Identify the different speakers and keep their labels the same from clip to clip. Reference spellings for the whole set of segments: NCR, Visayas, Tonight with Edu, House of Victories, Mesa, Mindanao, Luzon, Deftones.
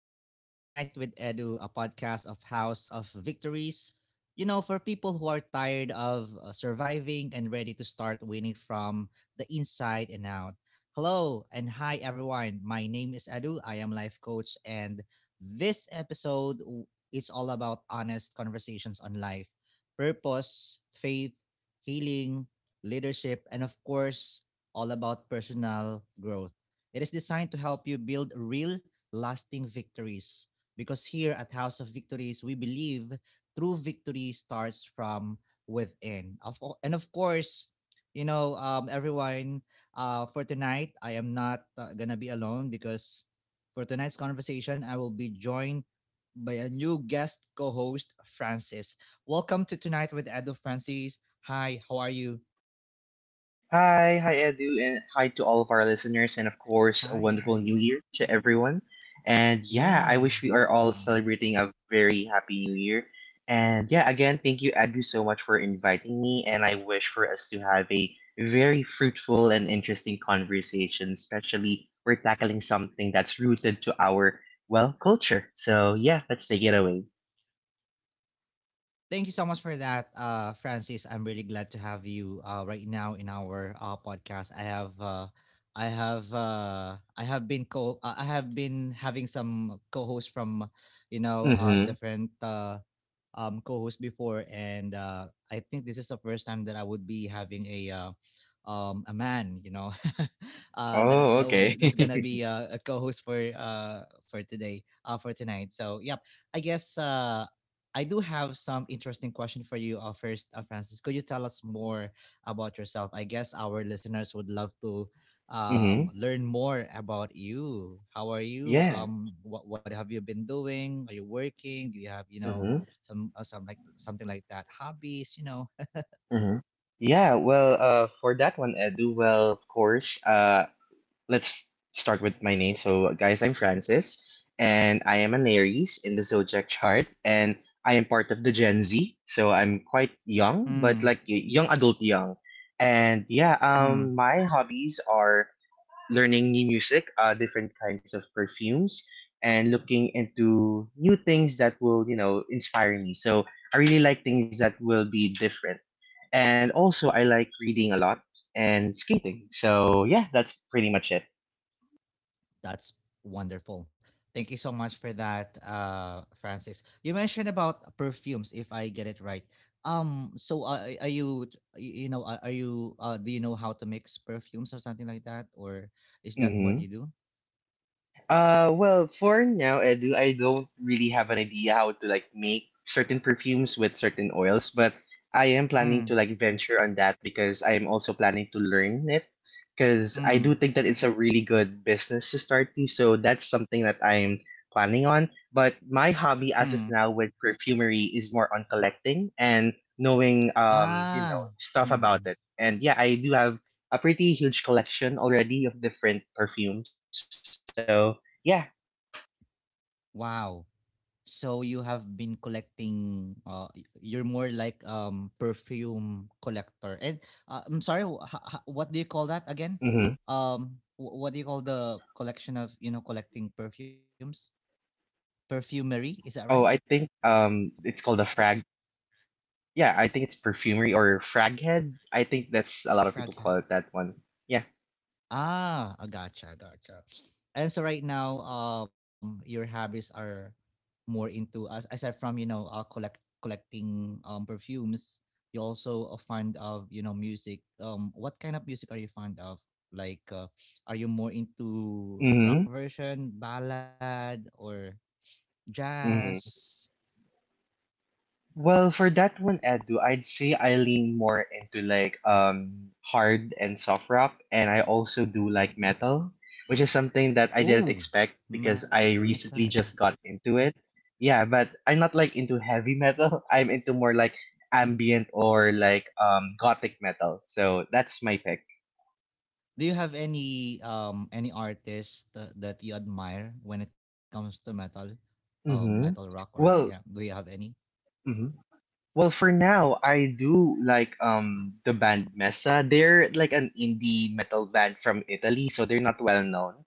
Speaker 1: Welcome to Tonight with Edu, a podcast of House of Victories. For people who are tired of surviving and ready to start winning from the inside and out. Hello and hi, everyone. My name is Edu. I am life coach, and this episode w- it's all about honest conversations on life, purpose, faith, healing, leadership, and of course, all about personal growth. It is designed to help you build real lasting victories. Because here at House of Victories, we believe true victory starts from within. And of course, everyone, for tonight, I am not going to be alone because for tonight's conversation, I will be joined by a new guest co host, Francis. Welcome to Tonight with Edo Francis. Hi, how are you?
Speaker 2: Hi, hi Edu, and hi to all of our listeners, and of course, a
Speaker 1: Hi,
Speaker 2: wonderful new
Speaker 1: hi.
Speaker 2: year to everyone. And yeah, I
Speaker 1: Yeah.
Speaker 2: wish we are all
Speaker 1: um,
Speaker 2: celebrating a very happy new year. And yeah, again, thank you, Edu, so much for inviting me, and I wish for us to have a very fruitful and interesting conversation, especially we're tackling something that's rooted to our, well, culture. So yeah, let's take it away.
Speaker 1: Thank you so much for that, Francis. I'm really glad to have you right now in our podcast. I have, I have, I have been co, I have been having some co-hosts from,
Speaker 2: Mm-hmm.
Speaker 1: different co-host before, and I think this is the first time that I would be having a man, you know,
Speaker 2: Oh, okay.
Speaker 1: that's gonna be a co-host for today, for tonight. So, yep, I guess uh, I do have some interesting question for you. First, Francis, could you tell us more about yourself? I guess our listeners would love to
Speaker 2: Mm-hmm.
Speaker 1: learn more about you. How are you?
Speaker 2: Yeah.
Speaker 1: What have you been doing? Are you working? Do you have some like something like that. Hobbies, you know,
Speaker 2: hmm Yeah, well, for that one, Edu, well, of course, let's start with my name. So, guys, I'm Francis, and I am an Aries in the zodiac chart, and I am part of the Gen Z. So, I'm quite young, but
Speaker 1: mm,
Speaker 2: like young adult young. And yeah,
Speaker 1: mm.
Speaker 2: my hobbies are learning new music, different kinds of perfumes, and looking into new things that will, you know, inspire me. So I really like things that will be different. And also, I like reading a lot and skating. So yeah, that's pretty much it.
Speaker 1: That's wonderful. Thank you so much for that, Francis. You mentioned about perfumes, if I get it right. Um, so uh, are you, do you know how to mix perfumes or something like that, or is that what
Speaker 2: hmm
Speaker 1: you do?
Speaker 2: well, for now, Edu, I don't really have an idea how to like make certain perfumes with certain oils, but I am planning
Speaker 1: Mm,
Speaker 2: to like venture on that because I am also planning to learn it because I do
Speaker 1: mm,
Speaker 2: think that it's a really good business to start to. So that's something that I'm planning on. But my hobby as
Speaker 1: mm,
Speaker 2: of now with perfumery is more on collecting and knowing you know
Speaker 1: ah, mm,
Speaker 2: stuff
Speaker 1: mm,
Speaker 2: about it.
Speaker 1: mm.
Speaker 2: And yeah, I do have a pretty huge collection already of different perfumes. So yeah,
Speaker 1: Wow. So you have been collecting you're more like perfume collector. And I'm sorry, what do you call that again?
Speaker 2: hmm
Speaker 1: What do you call the collection of, you know, collecting perfumes? Perfumery, is that right?
Speaker 2: Oh, I think it's called a frag. Yeah, I think it's perfumery or frag head. I think that's a lot of people call
Speaker 1: Fragad.
Speaker 2: it that one. Yeah.
Speaker 1: Ah, I gotcha, gotcha. And so right now, your hobbies are more into as aside from collecting perfumes, you also a fond of music. What kind of music are you fond of? Like, are you more into rock
Speaker 2: Mm-hmm.
Speaker 1: version, ballad, or
Speaker 2: hmm
Speaker 1: jazz?
Speaker 2: Well, for that one, Edu, I'd say I lean more into like hard and soft rock, and I also do like metal, which is something that I didn't
Speaker 1: Oh,
Speaker 2: expect because
Speaker 1: metal.
Speaker 2: I recently just got into it. Yeah, but I'm not like into heavy metal. I'm into more like ambient or like gothic metal. So that's my pick.
Speaker 1: Do you have any artist that you admire when it comes to metal, metal
Speaker 2: Mhm.
Speaker 1: rock or yeah?
Speaker 2: Well,
Speaker 1: Do you have any?
Speaker 2: mhm. Well, for now, I do like the band Mesa. They're like an indie metal band from Italy, so they're not well known.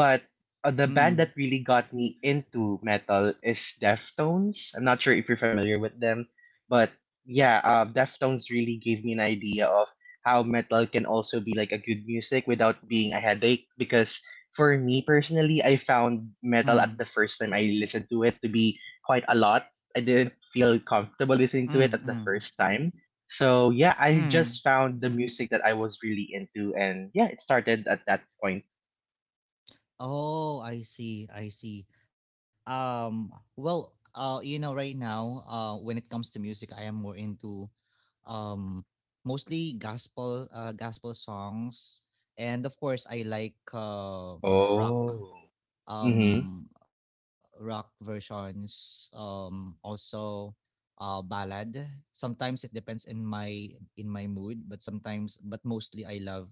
Speaker 2: But the band that
Speaker 1: Mm,
Speaker 2: really got me into metal is Deftones. I'm not sure if you're familiar with them, but yeah, Deftones really gave me an idea of how metal can also be like a good music without being a headache. Because for me personally, I found metal
Speaker 1: mm,
Speaker 2: at the first time I listened to it to be quite a lot. I didn't feel comfortable
Speaker 1: mm,
Speaker 2: listening to
Speaker 1: mm,
Speaker 2: it at the first time. So yeah, I
Speaker 1: mm.
Speaker 2: just found the music that I was really into, and yeah, it started at that point.
Speaker 1: Oh, I see. I see. Um, well, you know, right now, when it comes to music, I am more into um mostly gospel, gospel songs, and of course, I like rock.
Speaker 2: Oh, mm-hmm.
Speaker 1: um Rock versions also ballad sometimes it depends in my mood but sometimes but mostly I love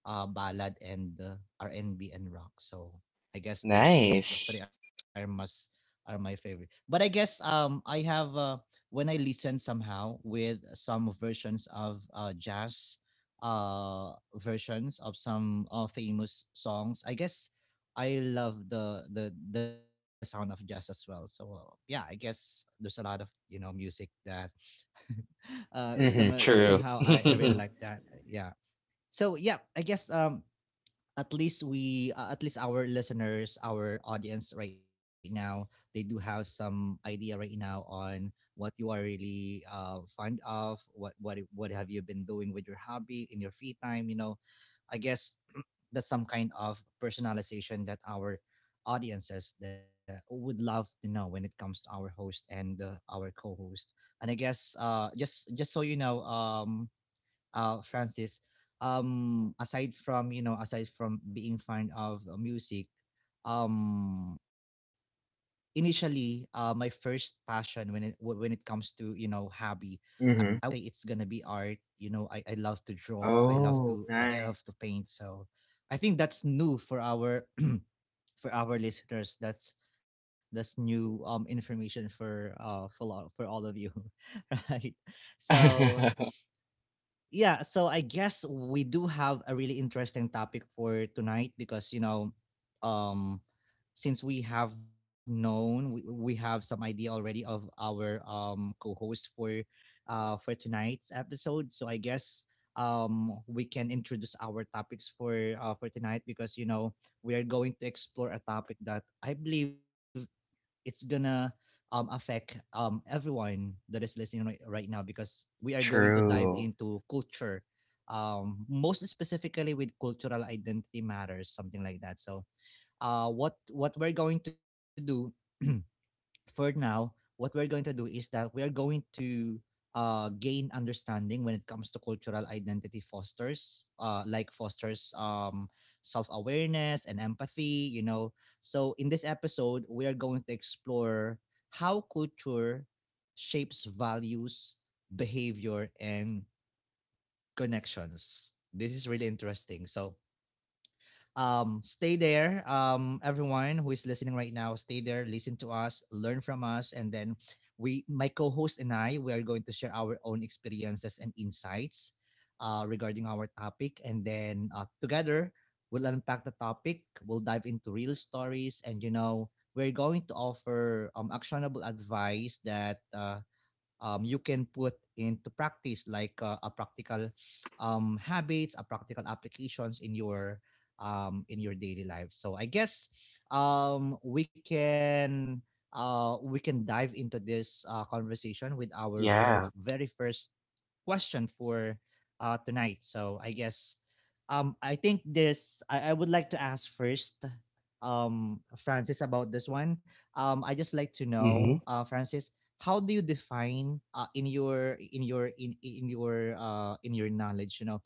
Speaker 1: ballad and R&B and B and rock. So I guess those three
Speaker 2: Nice.
Speaker 1: are must are my favorite. But I guess I have when I listen somehow with some versions of jazz uh versions of some famous songs. I guess I love the sound of jazz as well. So yeah, I guess there's a lot of music that
Speaker 2: Mm-hmm.
Speaker 1: somehow
Speaker 2: True.
Speaker 1: I really like that. Yeah. So yeah, I guess at least our listeners our audience right now they do have some idea right now on what you are really fond of what have you been doing with your hobby in your free time you know I guess that's some kind of personalization that our audiences that would love to know when it comes to our host and our co-host and I guess just so you know Francis, aside from aside from being fond of music, um, my first passion when when it comes to hobby,
Speaker 2: Mm-hmm.
Speaker 1: I would say it's gonna be art. You know, I love to draw. I love
Speaker 2: Oh,
Speaker 1: to I
Speaker 2: nice.
Speaker 1: love to paint. So, I think that's new for our for our listeners. That's new information for for all of you, right? So yeah so I guess we do have a really interesting topic for tonight because you know um since we have known we have some idea already of our co-host for tonight's episode so I guess we can introduce our topics for tonight because you know we are going to explore a topic that I believe it's gonna affect everyone that is listening right now because we are going to dive
Speaker 2: True.
Speaker 1: into culture, most specifically with cultural identity matters, something like that. So, what we're going to do for now, what we're going to do is that we are going to gain understanding when it comes to cultural identity fosters, fosters self awareness and empathy, you know. So, in this episode, we are going to explore how culture shapes values, behavior, and connections. This is really interesting. So, stay there. Everyone who is listening right now, stay there, listen to us, learn from us, and then we, my co-host and I, we are going to share our own experiences and insights regarding our topic, and then together we'll unpack the topic. We'll dive into real stories, and you know, we're going to offer actionable advice that you can put into practice a practical habits a practical applications in your daily life so I guess um, we can we can dive into this conversation with our very
Speaker 2: Yeah.
Speaker 1: very first question for tonight. So I guess I think this I would like to ask first Francis about this one. I just like to
Speaker 2: Mm-hmm.
Speaker 1: know, Francis, how do you define in your in your in your knowledge, you know,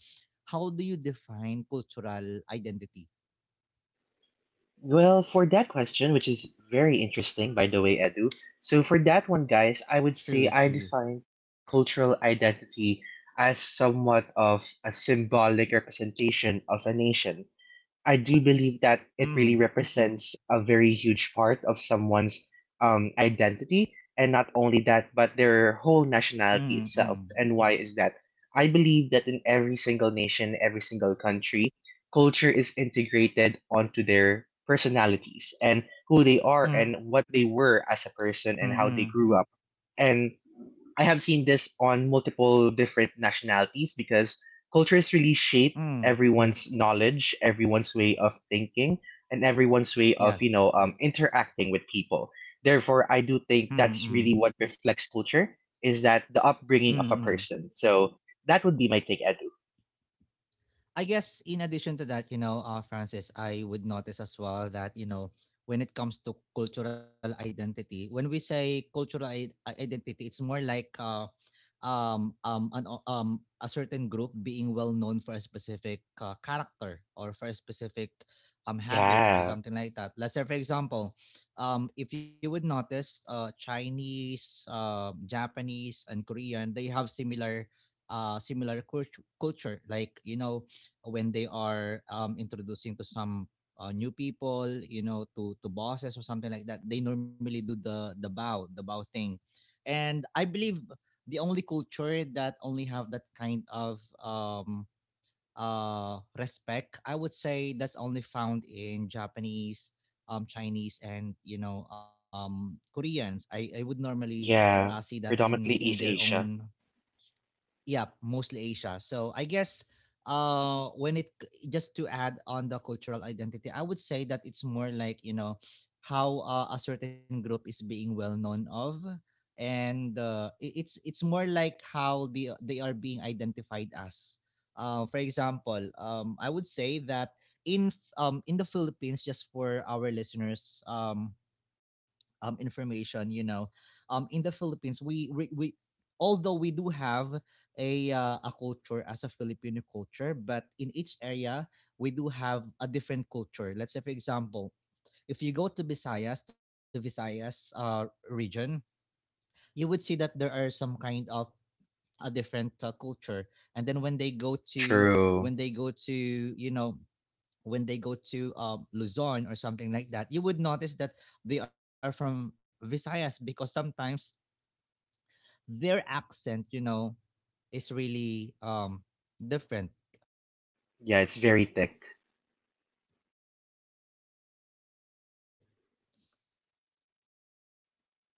Speaker 1: how do you define cultural identity?
Speaker 2: Well, for that question, which is very interesting, by the way, Edu. So, for that one, guys, I would
Speaker 1: True,
Speaker 2: say I
Speaker 1: true.
Speaker 2: define cultural identity as somewhat of a symbolic representation of a nation. I do believe that it really
Speaker 1: Mm,
Speaker 2: represents a very huge part of someone's identity. And not only that, but their whole
Speaker 1: mm,
Speaker 2: nationality
Speaker 1: mm,
Speaker 2: itself.
Speaker 1: mm,
Speaker 2: And why is that? I believe that in every single nation, every single country, culture is integrated onto their personalities and who they are and
Speaker 1: mm,
Speaker 2: what they were as a person and how they grew up. And I have seen this on multiple different nationalities because culture is really
Speaker 1: mm.
Speaker 2: shaped everyone's knowledge, everyone's way of thinking, and everyone's way of
Speaker 1: Yes.
Speaker 2: interacting with people. Therefore, I do think
Speaker 1: Mm,
Speaker 2: that's
Speaker 1: mm,
Speaker 2: really what reflects culture is that the upbringing
Speaker 1: mm,
Speaker 2: of a
Speaker 1: mm.
Speaker 2: person. So that would be my take, Edu.
Speaker 1: I guess in addition to that, you know, Francis, I would notice as well that you know when it comes to cultural identity, when we say identity, it's more like an a certain group being well known for a specific character or for a specific
Speaker 2: Yeah,
Speaker 1: habits or something like that let's say for example if you would notice chinese japanese and korean they have similar culture like you know when they are introducing to some new people you know to bosses or something like that they normally do the bow thing and I believe the only culture that only have that kind of respect I would say that's only found in japanese chinese and you know koreans I would normally
Speaker 2: yeah,
Speaker 1: see that
Speaker 2: predominantly
Speaker 1: in
Speaker 2: East
Speaker 1: their
Speaker 2: Asia.
Speaker 1: own yeah, mostly Asia. So I guess just to add on the cultural identity, I would say that it's more like, you know, how a certain group is being well known of and it's more like how they are being identified as. For example, I would say that in the Philippines just for our listeners information you know in the philippines we although we do have a culture as a filipino culture but in each area we do have a different culture let's say for example if you go to visayas region you would see that there are some kind of a different culture and then when they go to
Speaker 2: True.
Speaker 1: when they go to you know when they go to Luzon or something like that, you would notice that they are from Visayas because sometimes their accent, you know, is really different.
Speaker 2: Yeah, it's very thick.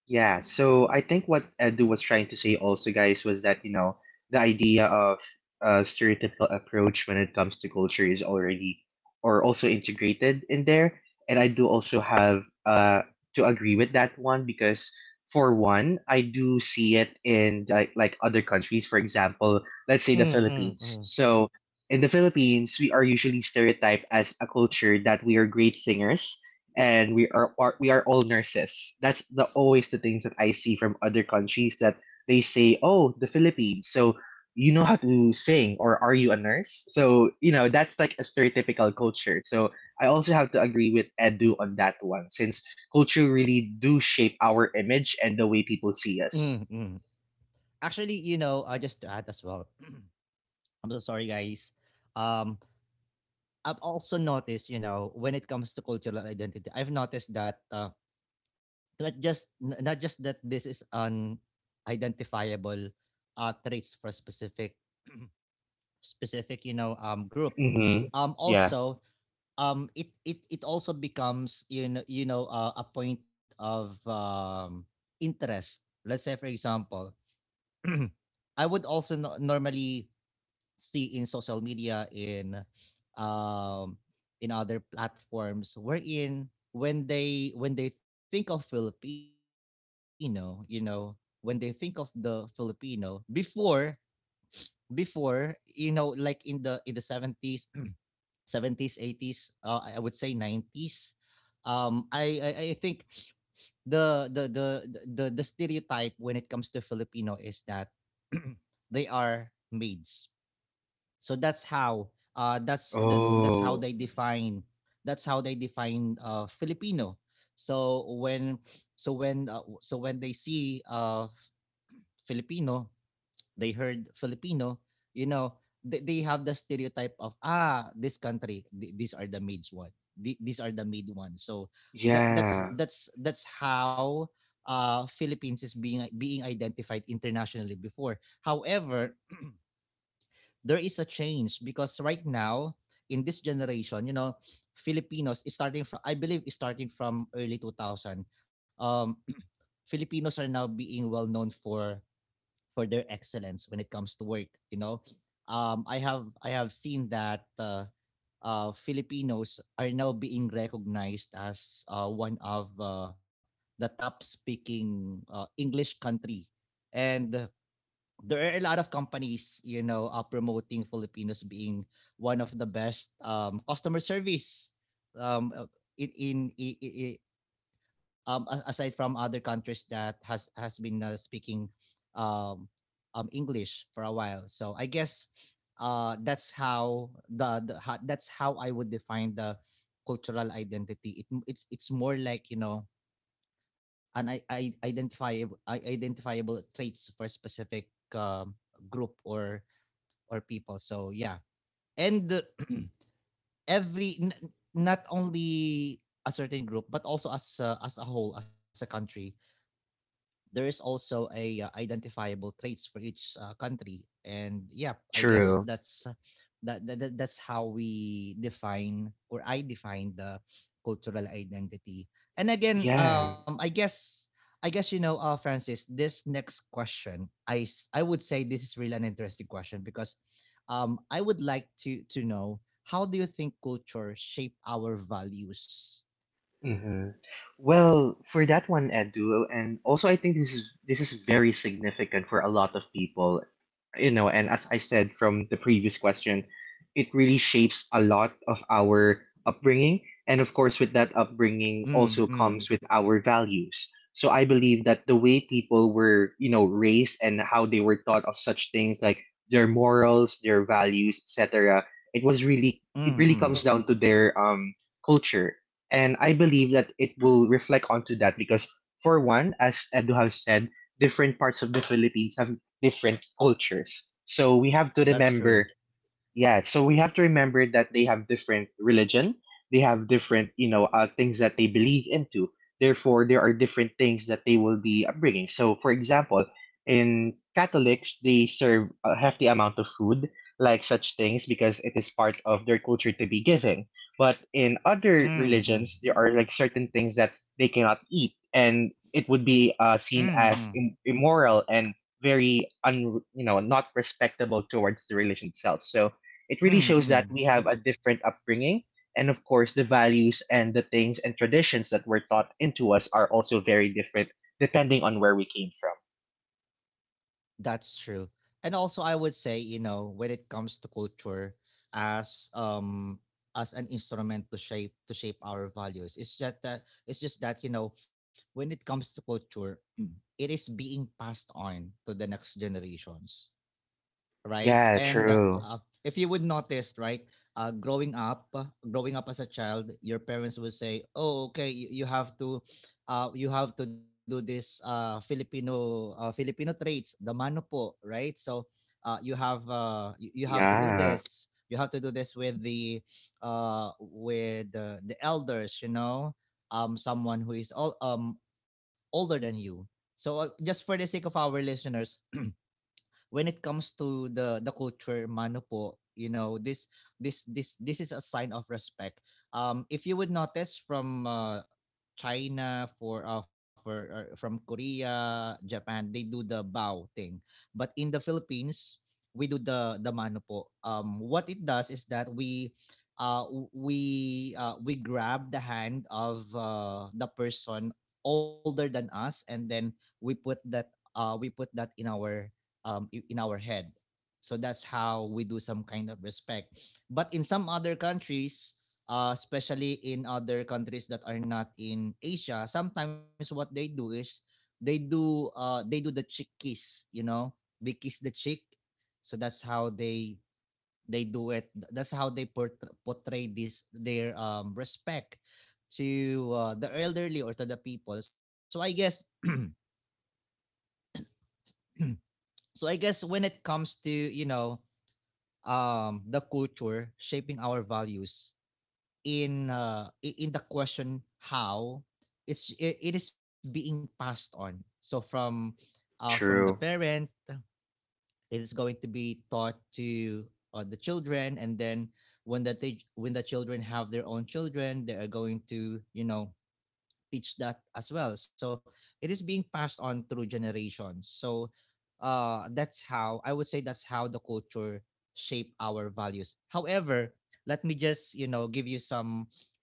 Speaker 2: Yeah, so I think what Edu was trying to say also, guys, was that, you know, the idea of a stereotypical approach when it comes to culture is already or also integrated in there. And I do also have to agree with that one because for one, I do see it in like other countries, for example, let's say the Philippines. So in the Philippines, we are usually stereotyped as a culture that we are great singers and we are we are all nurses. That's the always the things that I see from other countries that they say, "Oh, the Philippines." So you know how to sing or are you a nurse? So, you know, that's like a stereotypical culture. So, I also have to agree with Edu on that one since culture really do shape our image and the way people see us.
Speaker 1: Mm, mm. Actually, you know, just to add as well, I'm so sorry, guys. Um, I've also noticed, you know, when it comes to cultural identity, I've noticed that not just not just that this is an identifiable traits for a specific group,
Speaker 2: Mhm. Yeah.
Speaker 1: also, it also becomes, a point of interest. Let's say, for example, I would also normally see in social media, um in other platforms, wherein when they think of Filipino, you know, when they think of the Filipino before, before, you know, like in the 70s 70s, 80s, I would say 90s. I think the the the the stereotype when it comes to Filipino is that they are maids. So that's how that's how
Speaker 2: Oh,
Speaker 1: they define, that's how they define Filipino. So when, so when they see Filipino, they heard Filipino, you know, they have the stereotype of ah, this country, these are the maids one, these are the maid ones. So that that's
Speaker 2: yeah.
Speaker 1: that's that's how Philippines is being identified internationally before. However, there is a change, because right now in this generation, you know, Filipinos is starting from, I believe is starting from early 2000. Um Filipinos are now being well known for their excellence when it comes to work, you know. I have seen that Filipinos are now being recognized as one of the top speaking English country, and there are a lot of companies, you know, promoting Filipinos being one of the best customer service, um uh, in in, in, aside from other countries that has been speaking um, English for a while. So I guess that's how that's how I would define the cultural identity. It's more like, you know, an I identifiable, traits for a specific um, group, or people. So yeah, and every n- not only a certain group, but also as as a whole, as a country, there is also a identifiable traits for each country. And yeah, I guess
Speaker 2: True.
Speaker 1: that's that's how we define, or I define the cultural identity. And again,
Speaker 2: Yeah.
Speaker 1: I guess, you know, Francis, this next question, I would say this is really an interesting question, because I would like to know, how do you think culture shape our values?
Speaker 2: hmm Well, for that one, Edu, and also I think this is very significant for a lot of people, you know. And as I said from the previous question, it really shapes a lot of our upbringing, and of course, with that upbringing
Speaker 1: mm
Speaker 2: also
Speaker 1: mm
Speaker 2: comes with our values. So I believe that the way people were, you know, raised and how they were taught of such things like their morals, their values, etc.
Speaker 1: mm
Speaker 2: It really
Speaker 1: mm
Speaker 2: comes down to their culture, and I believe that it will reflect onto that because, for one, as Edu has said, different parts of the Philippines have different cultures. So we have to
Speaker 1: That's true.
Speaker 2: remember yeah, so we have to remember that they have different religion, they have different, you know, things that they believe into. Therefore, there are different things that they will be upbringing. So, for example, in Catholics, they serve a hefty amount of food, like such things, because it is part of their culture to be giving. But in other
Speaker 1: Mm-mm.
Speaker 2: religions, there are like certain things that they cannot eat, and it would be seen
Speaker 1: Mm,
Speaker 2: as immoral and very un, you know, not respectable towards the religion itself. So it really
Speaker 1: mm,
Speaker 2: shows that
Speaker 1: mm.
Speaker 2: we have a different upbringing. And of course, the values and the things and traditions that were taught into us are also very different depending on where we came from.
Speaker 1: That's true. And also I would say, you know, when it comes to culture as um as an instrument to shape our values. It's just that, you know, when it comes to culture, it is being passed on to the next generations, right?
Speaker 2: Yeah,
Speaker 1: And
Speaker 2: true.
Speaker 1: if you would notice, right, uh, growing up, uh, growing up as a child, your parents would say, "Oh, okay, you have to do this, Filipino traits, the mano po, right? So you have, you have to do
Speaker 2: Yeah,
Speaker 1: this." You have to do this with the with the elders, you know, someone who is older than you. So just for the sake of our listeners, when it comes to the culture, mano po, you know, this this is a sign of respect. If you would notice, from China, for from Korea, Japan, they do the bow thing. But in the Philippines, we do the mano po. What it does is that we, we grab the hand of the person older than us, and then we put that, we put that in our in our head. So that's how we do some kind of respect. But in some other countries, especially in other countries that are not in Asia, sometimes what they do is they do the cheek kiss, you know, they kiss the cheek. So that's how they do it. That's how they portray, this their respect to the elderly, or to the people. So I guess so I guess, when it comes to, you know, the culture shaping our values, in in the question how, it is being passed on. So from the
Speaker 2: true.
Speaker 1: parent, it is going to be taught to the children, and then when when the children have their own children, they are going to, you know, teach that as well. So it is being passed on through generations. So that's how I would say, that's how the culture shape our values. However, let me just, you know, give you some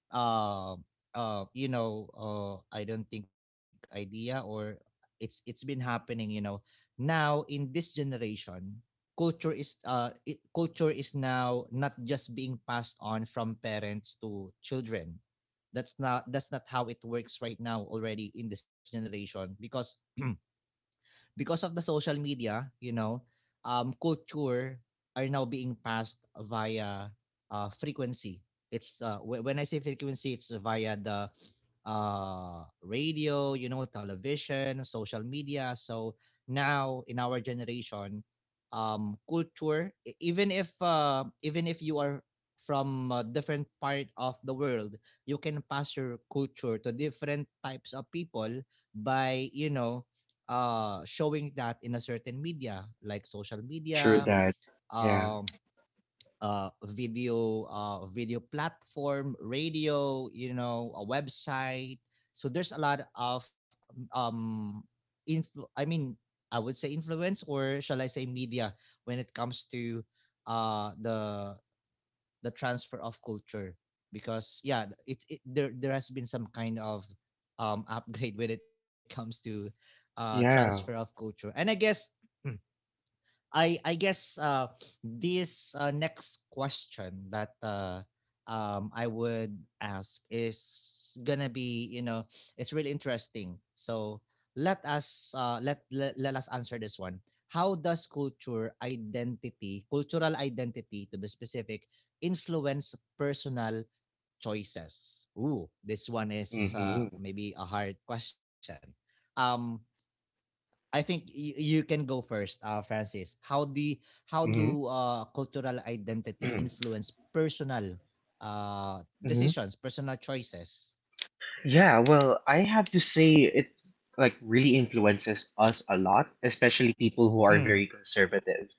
Speaker 1: uh, you know, I don't think idea, or it's been happening. You know, now in this generation, culture is now not just being passed on from parents to children. That's not, how it works right now already in this generation, because because of the social media, you know, culture are now being passed via frequency. It's, when I say frequency, it's via the radio, you know, television, social media. So now in our generation, culture, even if you are from a different part of the world, you can pass your culture to different types of people by, you know, showing that in a certain media, like social
Speaker 2: True
Speaker 1: media,
Speaker 2: that. Yeah.
Speaker 1: um, video, video platform, radio, you know, a website. So there's a lot of um, I mean, I would say influence, or shall I say media, when it comes to the transfer of culture. Because yeah, it there there has been some kind of upgrade when it comes to transfer of
Speaker 2: Yeah.
Speaker 1: culture. And I guess, I I guess uh, this next question that I would ask is gonna be, you know, it's really interesting. So let us, let us answer this one. How does culture identity, cultural identity to be specific, influence personal choices? Ooh, this one is
Speaker 2: Mm-hmm.
Speaker 1: maybe a hard question. Um, I think you can go first, Francis. How do, cultural identity
Speaker 2: Mm-hmm.
Speaker 1: influence personal decisions, personal choices?
Speaker 2: Yeah, well, I have to say it like really influences us a lot, especially people who are
Speaker 1: Mm,
Speaker 2: very conservative.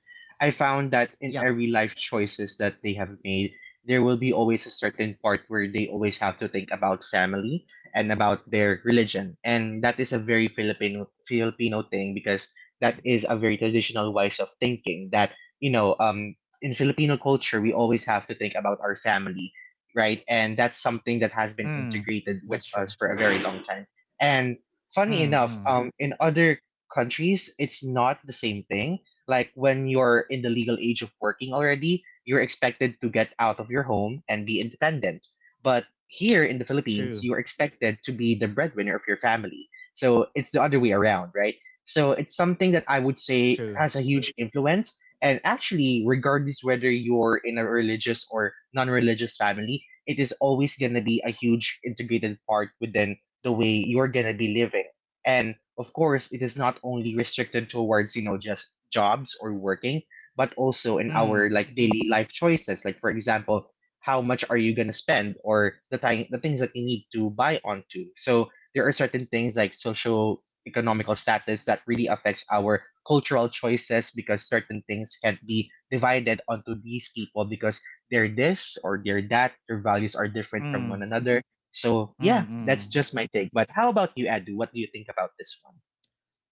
Speaker 2: I found that in
Speaker 1: yep,
Speaker 2: every life choices that they have made, there will be always a certain part where they always have to think about family and about their religion. And that is a very Filipino Filipino thing because that is a very traditional ways of thinking that, you know, in Filipino culture we always have to think about our family, right? And that's something that has been
Speaker 1: mm,
Speaker 2: integrated with
Speaker 1: that's true.
Speaker 2: us for a very long time. And funny
Speaker 1: Mm,
Speaker 2: enough,
Speaker 1: mm.
Speaker 2: in other countries, it's not the same thing. Like when you're in the legal age of working already, you're expected to get out of your home and be independent. But here in the Philippines,
Speaker 1: True,
Speaker 2: you're expected to be the breadwinner of your family. So it's the other way around, right? So it's something that I would say
Speaker 1: true.
Speaker 2: has a huge influence. And actually, regardless whether you're in a religious or non religious family, it is always going to be a huge integrated part within the way you're going to be living. And of course, it is not only restricted towards, you know, just jobs or working, but also in our
Speaker 1: mm,
Speaker 2: like daily life choices. Like for example, how much are you going to spend or the time, the things that you need to buy onto. So there are certain things like social economical status that really affects our cultural choices because certain things can be divided onto these people because they're this or they're that, their values are different from one
Speaker 1: mm,
Speaker 2: another. So yeah,
Speaker 1: mm,
Speaker 2: that's just my
Speaker 1: mm.
Speaker 2: take. But how about you, Adu? What do you think about this one?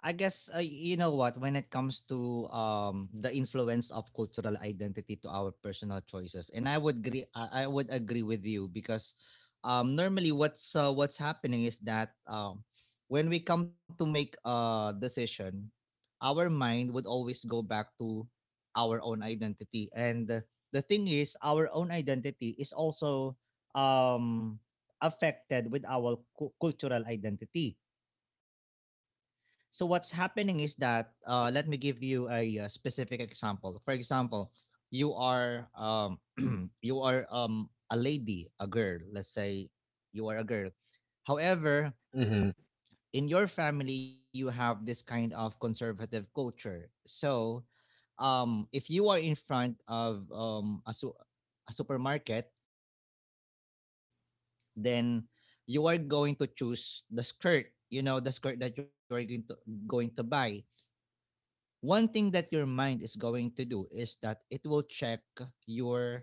Speaker 1: I guess, you know what, when it comes to the influence of cultural identity to our personal choices, and I would agree, I would agree with you, because normally what's happening is that when we come to make a decision, our mind would always go back to our own identity. And the thing is, our own identity is also um affected with our cultural identity. So what's happening is that, let me give you a, specific example. For example, you are you are a lady, a girl. Let's say you are a girl. However,
Speaker 2: Mm-hmm.
Speaker 1: in your family, you have this kind of conservative culture. So if you are in front of a supermarket, then you are going to choose the skirt. You know, the skirt that you are going to buy, one thing that your mind is going to do is that it will check your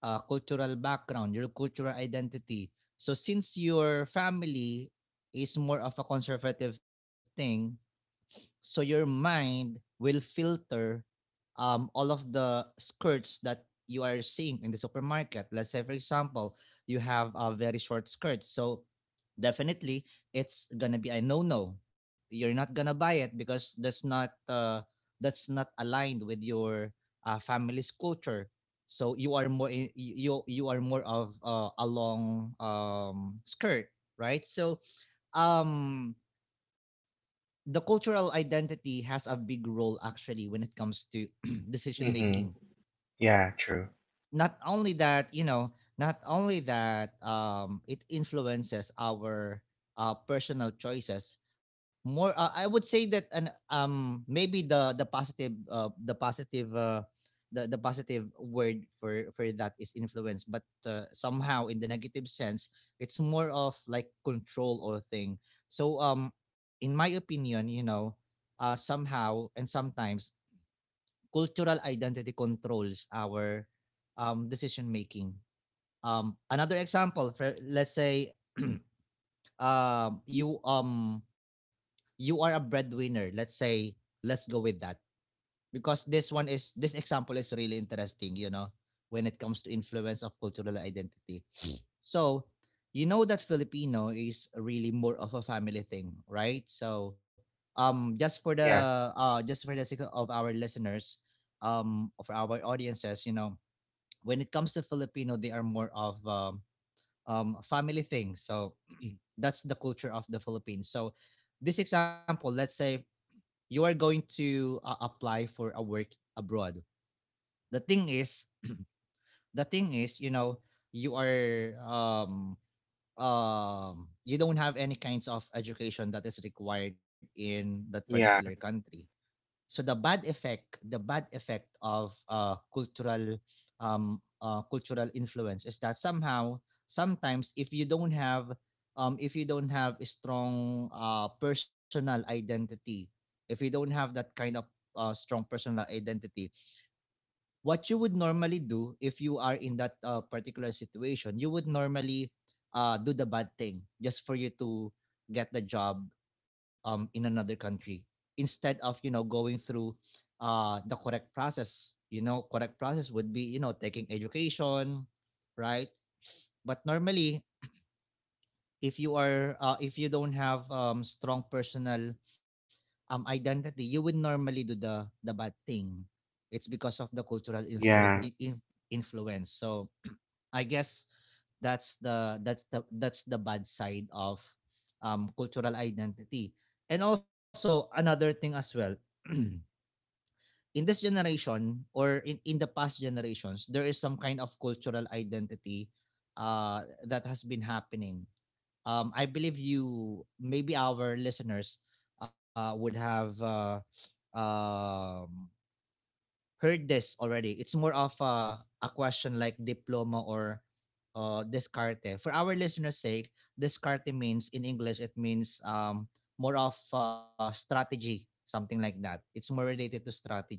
Speaker 1: cultural background, your cultural identity. So since your family is more of a conservative thing, so your mind will filter all of the skirts that you are seeing in the supermarket. Let's say, for example, you have a very short skirt. So definitely it's gonna be a no-no. You're not gonna buy it, because that's not, that's not aligned with your family's culture. So you are more in, you are more of a long skirt, right? So um, the cultural identity has a big role actually when it comes to decision making.
Speaker 2: Mm-hmm. Yeah, true.
Speaker 1: Not only that, you know, not only that it influences our personal choices more. I would say that an maybe the the positive word for that is influence, but somehow in the negative sense, it's more of like control or thing. So in my opinion, you know, somehow and sometimes cultural identity controls our decision making. Another example, for, let's say um, you um you are a breadwinner. Let's say, let's go with that, because this one is, this example is really interesting. You know, when it comes to influence of cultural identity, so, you know that Filipino is really more of a family thing, right? So, just for
Speaker 2: Yeah.
Speaker 1: the, just for the sake of our listeners, for our audiences, you know, when it comes to Filipino, they are more of family thing. So, that's the culture of the Philippines. So, this example, let's say you are going to apply for a work abroad. The thing is, the thing is, you know, you are you don't have any kinds of education that is required in that particular
Speaker 2: Yeah.
Speaker 1: country, so the bad effect of cultural cultural influence is that somehow sometimes if you don't have if you don't have a strong personal identity, if you don't have that kind of strong personal identity, what you would normally do if you are in that particular situation, you would normally do the bad thing just for you to get the job, in another country, instead of, you know, going through the correct process. You know, correct process would be, you know, taking education, right? But normally, if you are if you don't have strong personal identity, you would normally do the bad thing. It's because of the cultural
Speaker 2: Yeah.
Speaker 1: in- influence. So I guess that's the bad side of cultural identity. And also another thing as well, in this generation or in the past generations, there is some kind of cultural identity that has been happening. I believe you, maybe our listeners, would have um, heard this already. It's more of a question like diploma or descarte. For our listeners' sake, descarte means in English, it means more of strategy, something like that. It's more related to strategy.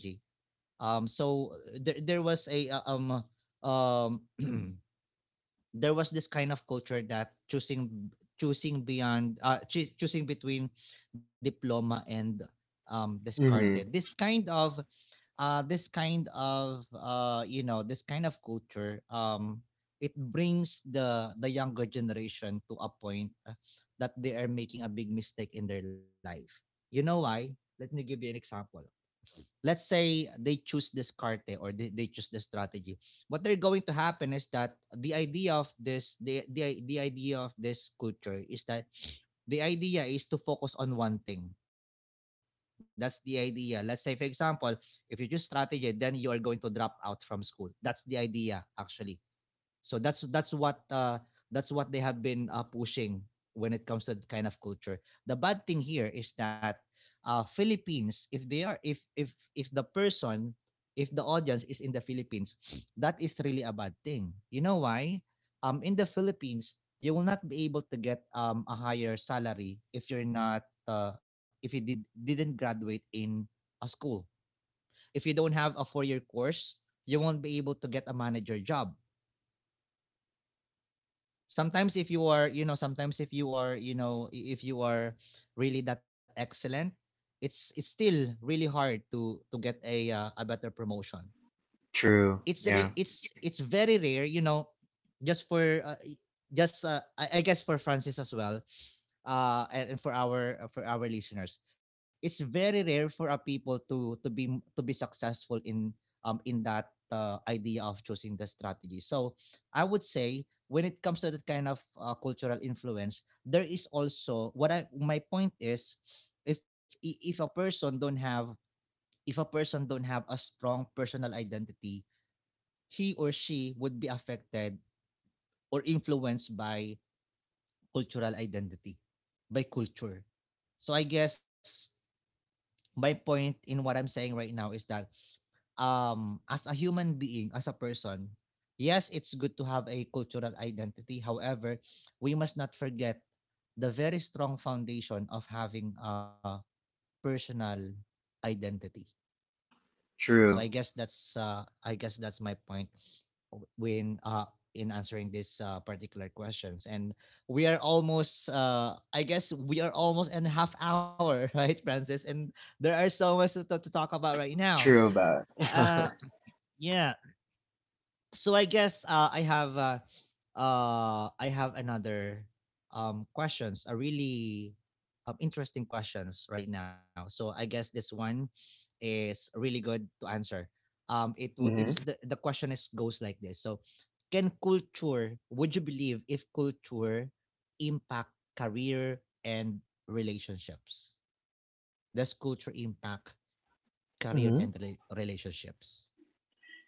Speaker 1: There was a uh, um there was this kind of culture that choosing beyond choosing between diploma and discarded.
Speaker 2: Mm-hmm.
Speaker 1: This kind of this kind of this kind of culture, it brings the younger generation to a point that they are making a big mistake in their life. You know why? Let me give you an example. Let's say they choose this carte, or they choose the strategy. What they're going to happen is that the idea of this the idea of this culture is that the idea is to focus on one thing. That's the idea. Let's say, for example, if you choose strategy, then you are going to drop out from school. That's the idea, actually. So that's what that's what they have been pushing when it comes to that kind of culture. The bad thing here is that Philippines, if they are if the person if the audience is in the Philippines, that is really a bad thing. You know why? In the Philippines, you will not be able to get a higher salary if you're not if you didn't graduate in a school. If you don't have a 4 year course, you won't be able to get a manager job. Sometimes if you are, you know, if you are really that excellent, it's still really hard to get a better promotion.
Speaker 2: True.
Speaker 1: It's
Speaker 2: Yeah.
Speaker 1: ra- it's very rare, you know, just for just I guess for Francis as well, and for our listeners, it's very rare for a people to to be successful in that idea of choosing the strategy. So I would say when it comes to that kind of cultural influence, there is also, what I my point is, if a person don't have, if a person don't have a strong personal identity, he or she would be affected or influenced by cultural identity, by culture. So I guess my point in what I'm saying right now is that as a human being, as a person, yes, it's good to have a cultural identity. However, we must not forget the very strong foundation of having a personal identity. So
Speaker 2: True
Speaker 1: I guess that's my point when in answering this particular questions. And we are almost I guess we are almost in half hour, right, Francis? And there are so much to talk about right now.
Speaker 2: True about.
Speaker 1: Uh, yeah, so I guess I have another questions, a really interesting questions right now. So I guess this one is really good to answer. It wo- it's
Speaker 2: Mm-hmm.
Speaker 1: the question is goes like this. So can culture? Would you believe if culture impact career and relationships? Does culture impact career and
Speaker 2: Mm-hmm.
Speaker 1: relationships?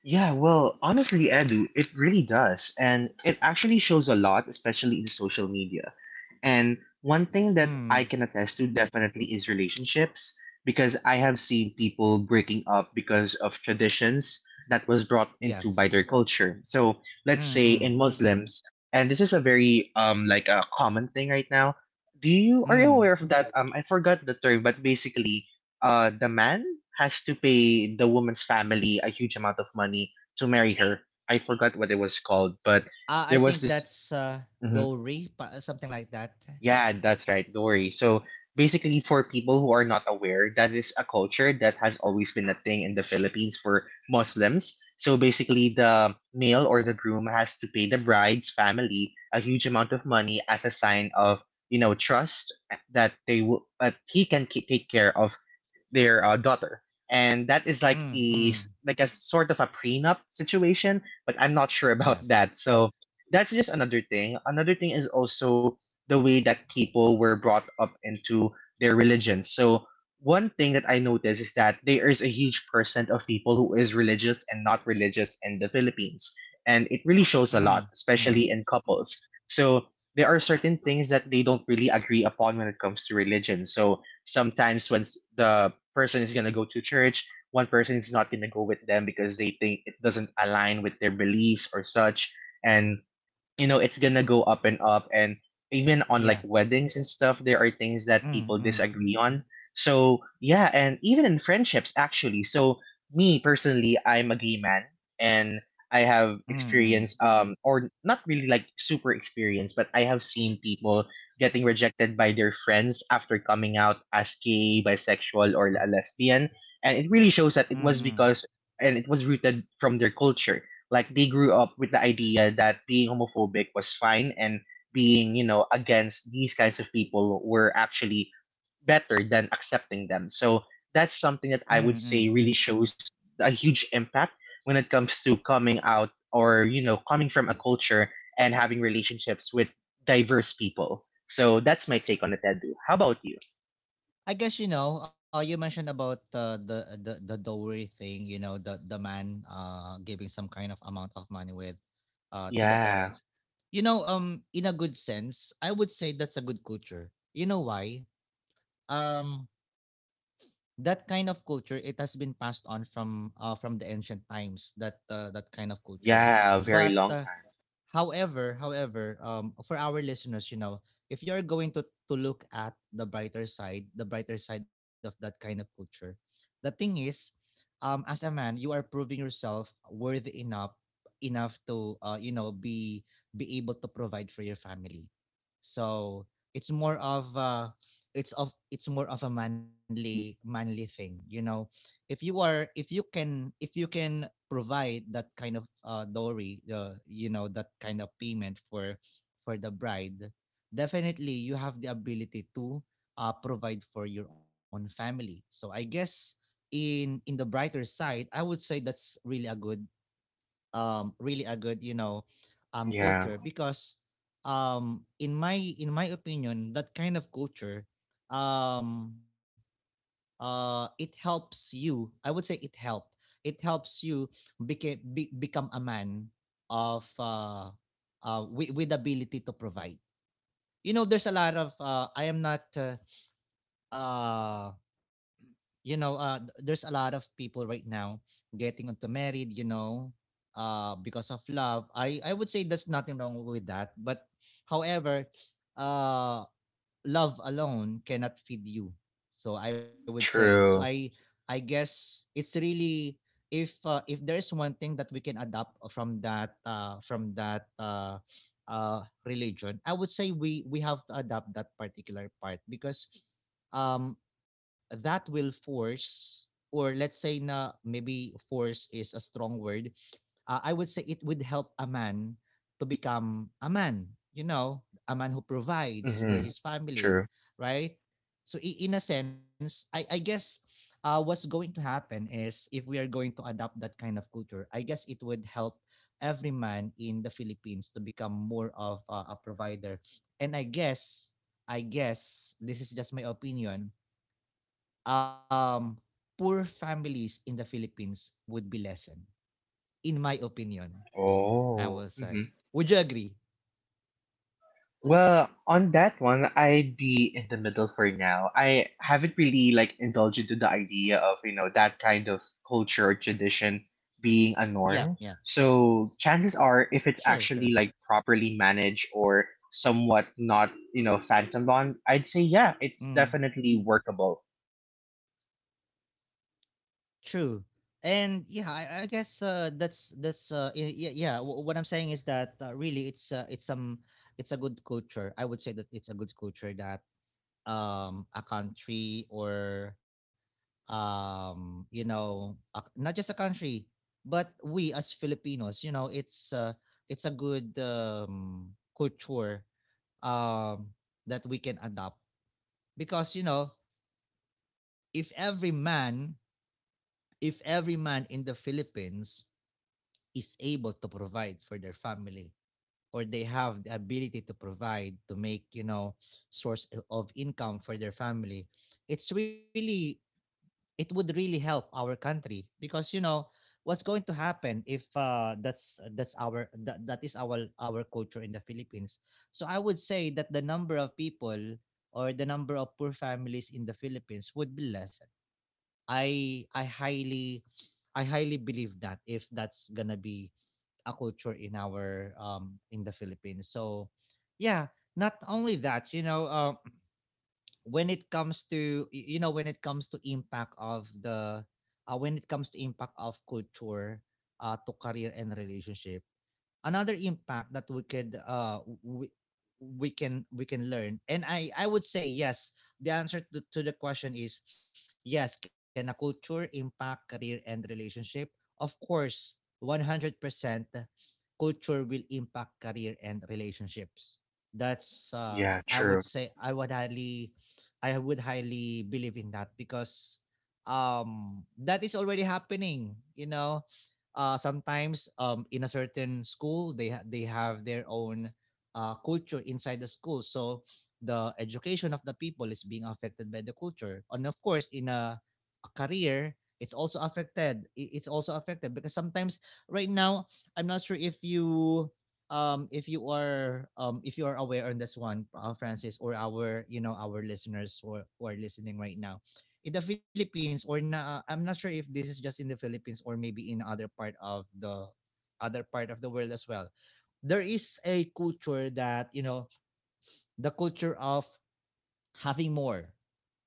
Speaker 2: Yeah, well, honestly, Edu, it really does. And it actually shows a lot, especially in social media. And one thing that I
Speaker 1: Mm,
Speaker 2: can attest to definitely is relationships because I have seen people breaking up because of traditions that was brought into
Speaker 1: yes.
Speaker 2: by their culture. So let's say
Speaker 1: Mm-mm.
Speaker 2: in Muslims, and this is a very like a common thing right now. Do you are you
Speaker 1: Hmm.
Speaker 2: aware of that? I forgot the term, but basically, the man has to pay the woman's family a huge amount of money to marry her. I forgot what it was called, but
Speaker 1: Ah,
Speaker 2: there
Speaker 1: I
Speaker 2: was
Speaker 1: think
Speaker 2: this.
Speaker 1: that's,
Speaker 2: Mm-hmm.
Speaker 1: Dory, pa something like that.
Speaker 2: Yeah, that's right. Dory. So basically, for people who are not aware, that is a culture that has always been a thing in the Philippines for Muslims. So basically, the male or the groom has to pay the bride's family a huge amount of money as a sign of trust that they will that he can take care of their daughter. And that is
Speaker 1: Mm,
Speaker 2: like a
Speaker 1: mm.
Speaker 2: like a sort of a prenup situation, but I'm not sure about
Speaker 1: Yes.
Speaker 2: that. So that's just another thing. Another thing is also the way that people were brought up into their religion. So one thing that I noticed is that there is a huge percent of people who is religious and not religious in the Philippines. And it really shows a lot,
Speaker 1: Mm,
Speaker 2: especially
Speaker 1: mm.
Speaker 2: in couples. So there are certain things that they don't really agree upon when it comes to religion. So sometimes when the person is going to go to church, one person is not going to go with them because they think it doesn't align with their beliefs or such. And it's gonna go up and up, and even on like
Speaker 1: Yeah.
Speaker 2: weddings and stuff there are things that
Speaker 1: Mm,
Speaker 2: people
Speaker 1: mm.
Speaker 2: disagree on, so yeah, and even in friendships actually. So me personally, I'm a gay man, and I have
Speaker 1: Mm, mm.
Speaker 2: experience, or not really like super experience, but I have seen people getting rejected by their friends after coming out as gay, bisexual, or a lesbian. And it really shows that it
Speaker 1: Mm,
Speaker 2: was
Speaker 1: mm.
Speaker 2: because, and it was rooted from their culture. Like they grew up with the idea that being homophobic was fine and being, against these kinds of people were actually better than accepting them. So that's something that I
Speaker 1: Mm,
Speaker 2: would
Speaker 1: mm.
Speaker 2: say really shows a huge impact when it comes to coming out or, you know, coming from a culture and having relationships with diverse people. So that's my take on it, Edu. How about you?
Speaker 1: I guess, you know, you mentioned about, the dowry thing, you know, the man, giving some kind of amount of money with, to the
Speaker 2: Yeah.
Speaker 1: parents. You know, in a good sense, I would say that's a good culture. You know why? Um, that kind of culture, it has been passed on from the ancient times, that that kind of culture,
Speaker 2: Yeah, a very
Speaker 1: but
Speaker 2: long time.
Speaker 1: however, however, for our listeners, you know, if you're going to look at the brighter side of that kind of culture, the thing is, as a man, you are proving yourself worthy enough to, you know, be able to provide for your family. So it's more of it's more of a manly thing, you know. If you are, if you can, if you can provide that kind of dowry, you know, that kind of payment for the bride, definitely you have the ability to provide for your own family. So I guess in the brighter side, I would say that's really a good, you know,
Speaker 2: Yeah.
Speaker 1: culture, because in my opinion, that kind of culture um it helps you, I would say, it helped it helps you become a man of with ability to provide. You know, there's a lot of I am not uh you know th- there's a lot of people right now getting into married, you know, because of love. I would say there's nothing wrong with that, but however, uh love alone cannot feed you. So I would say, so
Speaker 2: True.
Speaker 1: I guess it's really, if there's one thing that we can adopt from that religion, I would say we have to adopt that particular part because um, that will force, or let's say na maybe force is a strong word, I would say it would help a man to become a man. You know, a man who provides for
Speaker 2: Mm-hmm.
Speaker 1: his family,
Speaker 2: True.
Speaker 1: right? So in a sense, I guess what's going to happen is, if we are going to adopt that kind of culture, I guess it would help every man in the Philippines to become more of a provider. And I guess this is just my opinion. Um, poor families in the Philippines would be lessened, in my opinion. I
Speaker 2: Oh.
Speaker 1: will say. Would you agree?
Speaker 2: Well, on that one, I'd be in the middle for now. I haven't really like indulged into the idea of, you know, that kind of culture or tradition being a
Speaker 1: Yeah,
Speaker 2: norm.
Speaker 1: yeah.
Speaker 2: So chances are if it's
Speaker 1: Sure,
Speaker 2: actually
Speaker 1: sure.
Speaker 2: like properly managed or somewhat not, you know, phantom on, I'd say yeah, it's
Speaker 1: Mm.
Speaker 2: definitely workable.
Speaker 1: True. And yeah, I guess yeah. What I'm saying is that really it's a good culture. I would say that it's a good culture that a country or you know a, not just a country, but we as Filipinos, you know, it's a good culture um that we can adopt, because you know, if every man, if every man in the Philippines is able to provide for their family, or they have the ability to provide, to make, you know, source of income for their family, it's really, it would really help our country, because you know what's going to happen if that's that is our culture in the Philippines. So I would say that the number of people or the number of poor families in the Philippines would be less. I highly, I highly believe that, if that's gonna be a culture in our in the Philippines. So, yeah, not only that, when it comes to y- when it comes to impact of culture to career and relationship. Another impact that we can learn. And I would say yes, the answer to the question is yes. Can a culture impact career and relationship? Of course. 100% culture will impact career and relationships. That's
Speaker 2: Yeah,
Speaker 1: I would
Speaker 2: true.
Speaker 1: say I would highly believe in that, because that is already happening. Sometimes, in a certain school, they have their own culture inside the school, so the education of the people is being affected by the culture. And of course, in a career, it's also affected. It's also affected because sometimes, right now, I'm not sure if you if you are aware on this one, Francis, or our you know our listeners who are listening right now in the Philippines. Or na I'm not sure if this is just in the Philippines, or maybe in other part of the world as well. There is a culture that, the culture of having more,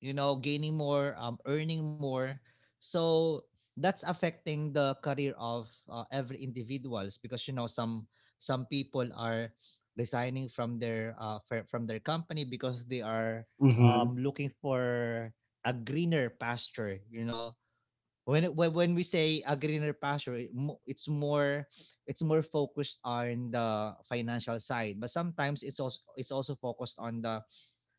Speaker 1: gaining more, earning more. So that's affecting the career of every individuals, because some people are resigning from their from their company, because they are
Speaker 2: Mm-hmm.
Speaker 1: looking for a greener pasture. You know, when when we say a greener pasture, it's more focused on the financial side, but sometimes it's also focused on the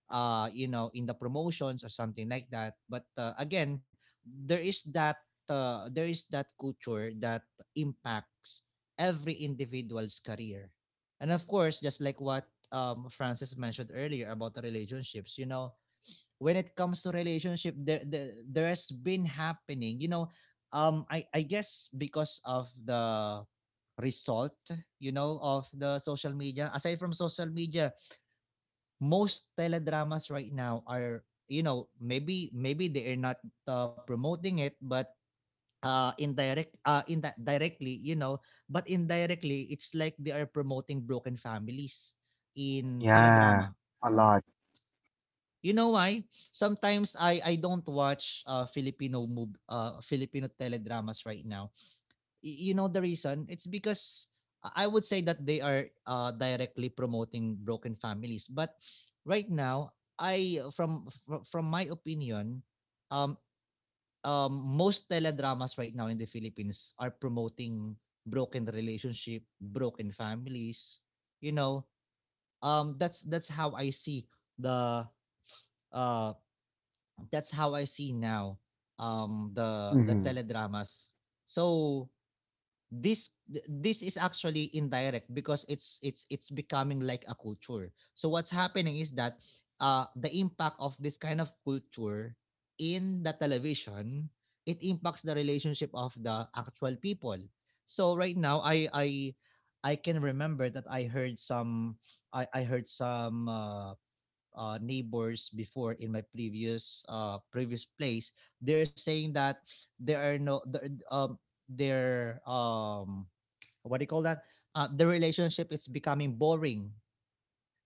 Speaker 1: in the promotions or something like that. But again, there is that there is that culture that impacts every individual's career. And of course, just like what Francis mentioned earlier about the relationships, when it comes to relationship, there has been happening. You know, I guess, because of the result, of the social media. Aside from social media, most teledramas right now are, maybe they are not promoting it, but indirect in directly you know but indirectly it's like they are promoting broken families in
Speaker 2: Yeah.
Speaker 1: teledrama.
Speaker 2: A lot.
Speaker 1: You know why? Sometimes I don't watch Filipino teledramas right now. You know the reason? It's because I would say that they are directly promoting broken families. But right now, I from my opinion, um, most teledramas right now in the Philippines are promoting broken relationship, broken families. You know, that's how I see the uh, that's how I see now, the
Speaker 2: Mm-hmm.
Speaker 1: teledramas. So this this is actually indirect, because it's becoming like a culture, so what's happening is that the impact of this kind of culture in the television, it impacts the relationship of the actual people. So right now, I can remember that I heard some neighbors before in my previous, previous place. They're saying that there are no, the, their, what do you call that? The relationship is becoming boring.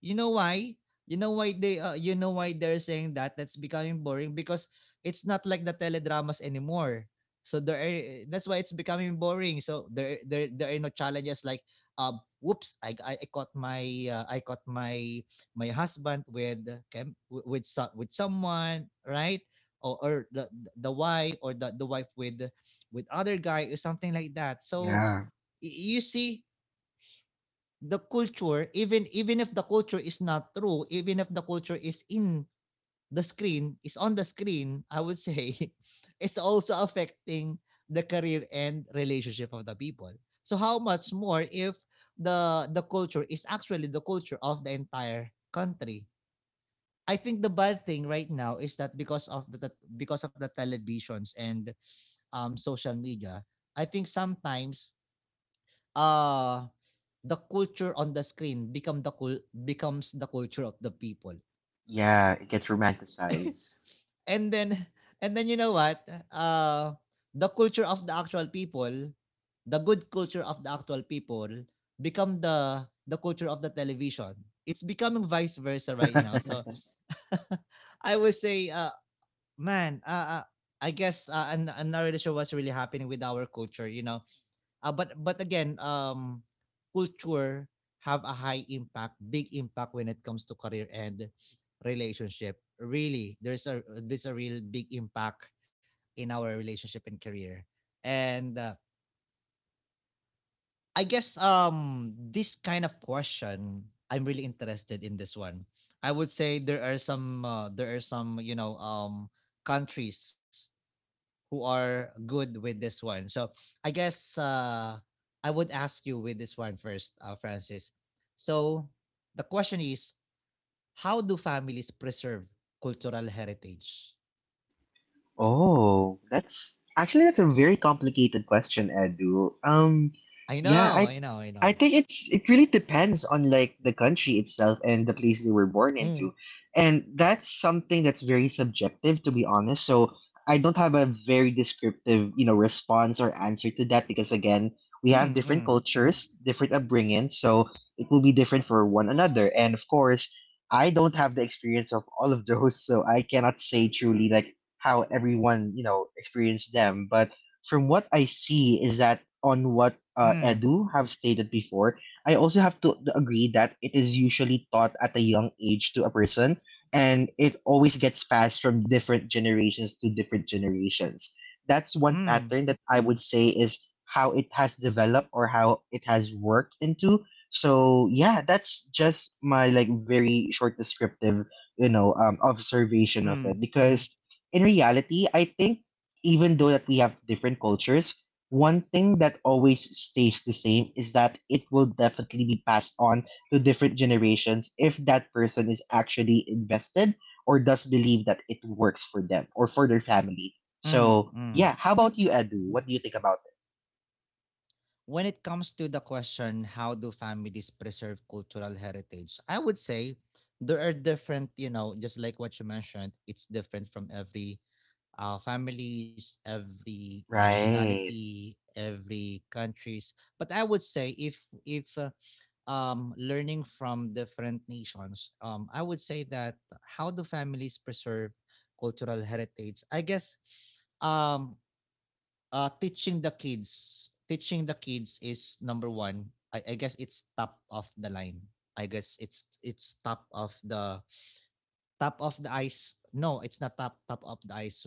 Speaker 1: You know why? You know why they You know why they're saying that that's becoming boring, because it's not like the teledramas anymore. So that's why it's becoming boring. So there are no challenges, like, whoops, I caught my, uh, I caught my my husband with, with someone, right? Or, the wife, or the wife with other guy, or something like that. So
Speaker 2: Yeah.
Speaker 1: you see, the culture, even if the culture is not true, even if the culture is in the screen is on the screen, I would say, it's also affecting the career and relationship of the people. So how much more if the culture is actually the culture of the entire country. I think the bad thing right now is that, because of the, because of the televisions and, social media, I think sometimes, uh, the culture on the screen become, the cul becomes the culture of the people.
Speaker 2: Yeah. It gets romanticized.
Speaker 1: And then, you know what? Uh, the culture of the actual people, the good culture of the actual people become the culture of the television. It's becoming vice versa right now. So I would say, man, I guess, I'm not really sure what's really happening with our culture. You know, But again, culture have a high impact, big impact when it comes to career and relationship. Really, there's a real big impact in our relationship and career. And, I guess, this kind of question, I'm really interested in this one. I would say there are some, countries who are good with this one. So I guess, I would ask you with this one first, Francis. So the question is, how do families preserve cultural heritage?
Speaker 2: Oh, that's actually that's a very complicated question, Edu.
Speaker 1: I
Speaker 2: Yeah,
Speaker 1: know,
Speaker 2: I
Speaker 1: I know, I know.
Speaker 2: I think it's it really depends on like the country itself and the place they were born
Speaker 1: Mm.
Speaker 2: into. And that's something that's very subjective to be honest. So I don't have a very descriptive, you know, response or answer to that because again, we have
Speaker 1: Mm,
Speaker 2: different
Speaker 1: mm,
Speaker 2: cultures, different upbringings, so it will be different for one another. And of course, I don't have the experience of all of those, so I cannot say truly like how everyone you know experienced them. But from what I see is that on what
Speaker 1: mm,
Speaker 2: Edu have stated before, I also have to agree that it is usually taught at a young age to a person, and it always gets passed from different generations to different generations. That's one
Speaker 1: mm,
Speaker 2: pattern that I would say is how it has developed or how it has worked into. So yeah, that's just my like very short descriptive, you know, observation of it.
Speaker 1: mm,
Speaker 2: Because in reality, I think even though that we have different cultures, one thing that always stays the same is that it will definitely be passed on to different generations if that person is actually invested or does believe that it works for them or for their family.
Speaker 1: mm.
Speaker 2: So,
Speaker 1: Mm.
Speaker 2: yeah, how about you, Edu? What do you think about it?
Speaker 1: When it comes to the question, how do families preserve cultural heritage? I would say there are different, just like what you mentioned, it's different from every, families, every
Speaker 2: Right.
Speaker 1: nationality, every countries. But I would say, if if uh, learning from different nations, I would say that, how do families preserve cultural heritage? I guess, um, teaching the kids is number one. I guess it's top of the line. I guess it's top of the ice. No, it's not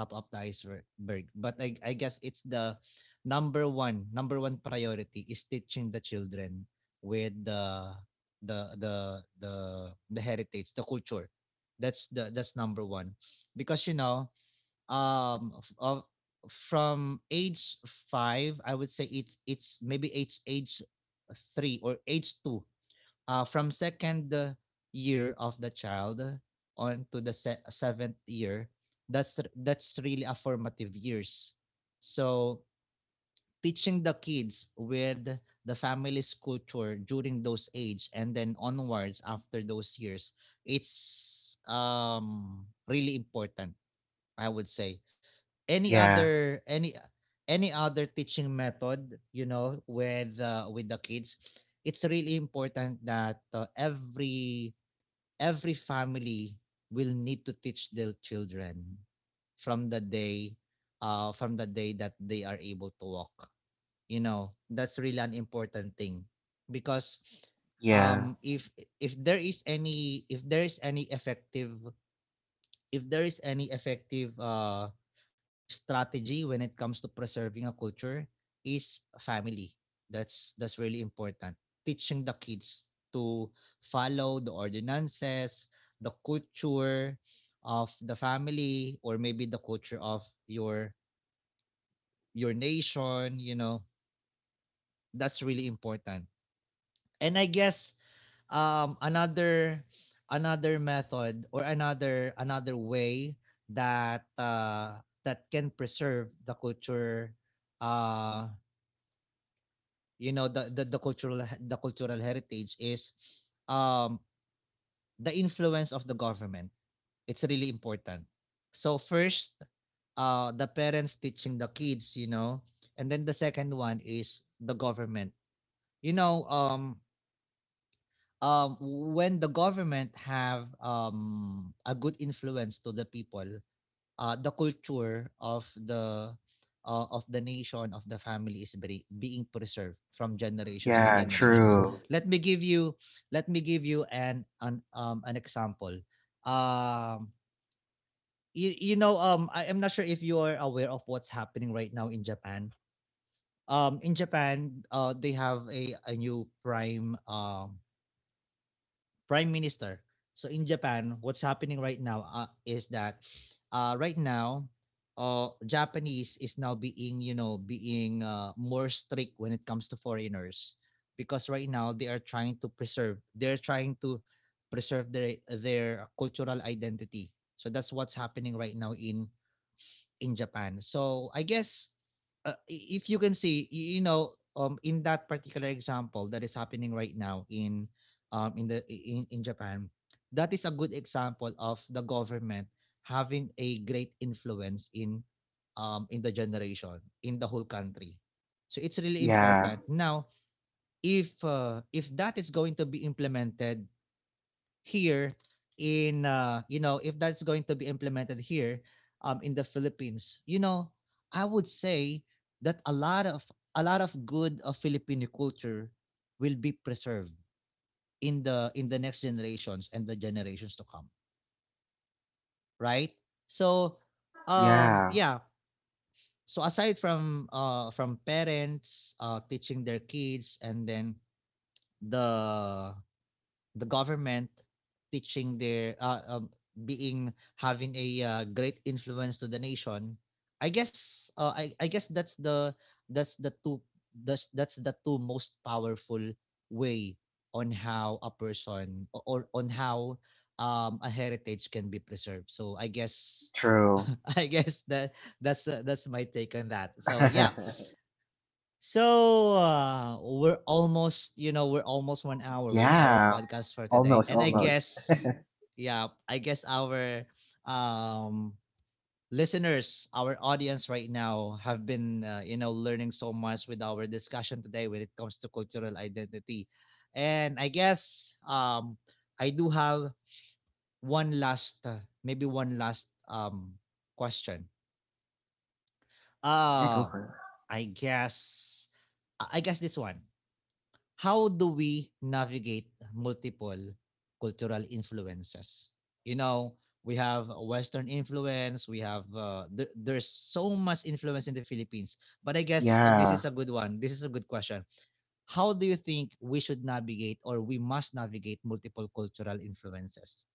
Speaker 1: top of the iceberg. But I guess it's the, number one priority is teaching the children with the the the the heritage, the culture. That's number one, because, you know, um of from age five. I would say it's maybe age three, or age two, from second, year of the child, on to the seventh year. That's really a formative years. So teaching the kids with the family's culture during those age, and then onwards after those years, it's, really important. I would say any
Speaker 2: Yeah.
Speaker 1: other, any other teaching method, with, with the kids, it's really important that, every family will need to teach their children from the day, from the day that they are able to walk. That's really an important thing, because,
Speaker 2: Yeah.
Speaker 1: um if if there is any, if there is any effective if there is any effective, strategy when it comes to preserving a culture, is family. That's really important, teaching the kids to follow the ordinances, the culture of the family, or maybe the culture of your, nation, that's really important. And I guess, um another another method, or another way, that, that can preserve the culture, uh the cultural heritage, is, um the influence of the government. It's really important. So first, the parents teaching the kids, and then the second one is the government. you know um um when the government have, a good influence to the people, the culture of the, of the nation, of the family is being preserved from generations to
Speaker 2: Yeah.
Speaker 1: generations.
Speaker 2: True.
Speaker 1: let me give you Let me give you an, an example. um I am not sure if you are aware of what's happening right now in Japan. In Japan, they have a, new prime, prime minister. So in Japan, what's happening right now, is that, right now, Japanese is now being, more strict when it comes to foreigners, because right now they're trying to preserve their, cultural identity. So that's what's happening right now in Japan. So I guess, if you can see, in that particular example that is happening right now in, in Japan, that is a good example of the government having a great influence in, in the generation, in the whole country. So it's really
Speaker 2: Yeah.
Speaker 1: important. Now, if, if that is going to be implemented here, in you know if that's going to be implemented here in the Philippines, I would say that a lot of good of Filipino culture will be preserved in the, next generations, and the generations to come, right? So um
Speaker 2: Yeah.
Speaker 1: yeah, so aside from parents teaching their kids and then the the government teaching their being having a great influence to the nation. I guess that's the two that's the two most powerful way on how a person o- or on how a heritage can be preserved, so I guess
Speaker 2: True.
Speaker 1: I guess that's my take on that, so yeah. So we're almost, you know, we're almost 1 hour with our
Speaker 2: Yeah.
Speaker 1: podcast for today,
Speaker 2: Almost.
Speaker 1: and
Speaker 2: Almost.
Speaker 1: yeah, I guess our um, listeners, our audience right now have been, you know, learning so much with our discussion today when it comes to cultural identity. And I guess I do have one last, maybe one last question.
Speaker 2: Yeah. Go
Speaker 1: Uh,
Speaker 2: for it.
Speaker 1: I guess, I guess this one. How do we navigate multiple cultural influences? You know, we have Western influence. We have there's so much influence in the Philippines. But I guess this
Speaker 2: Yeah.
Speaker 1: is a good one. This is a good question. How do you think we should navigate, or we must navigate multiple cultural influences?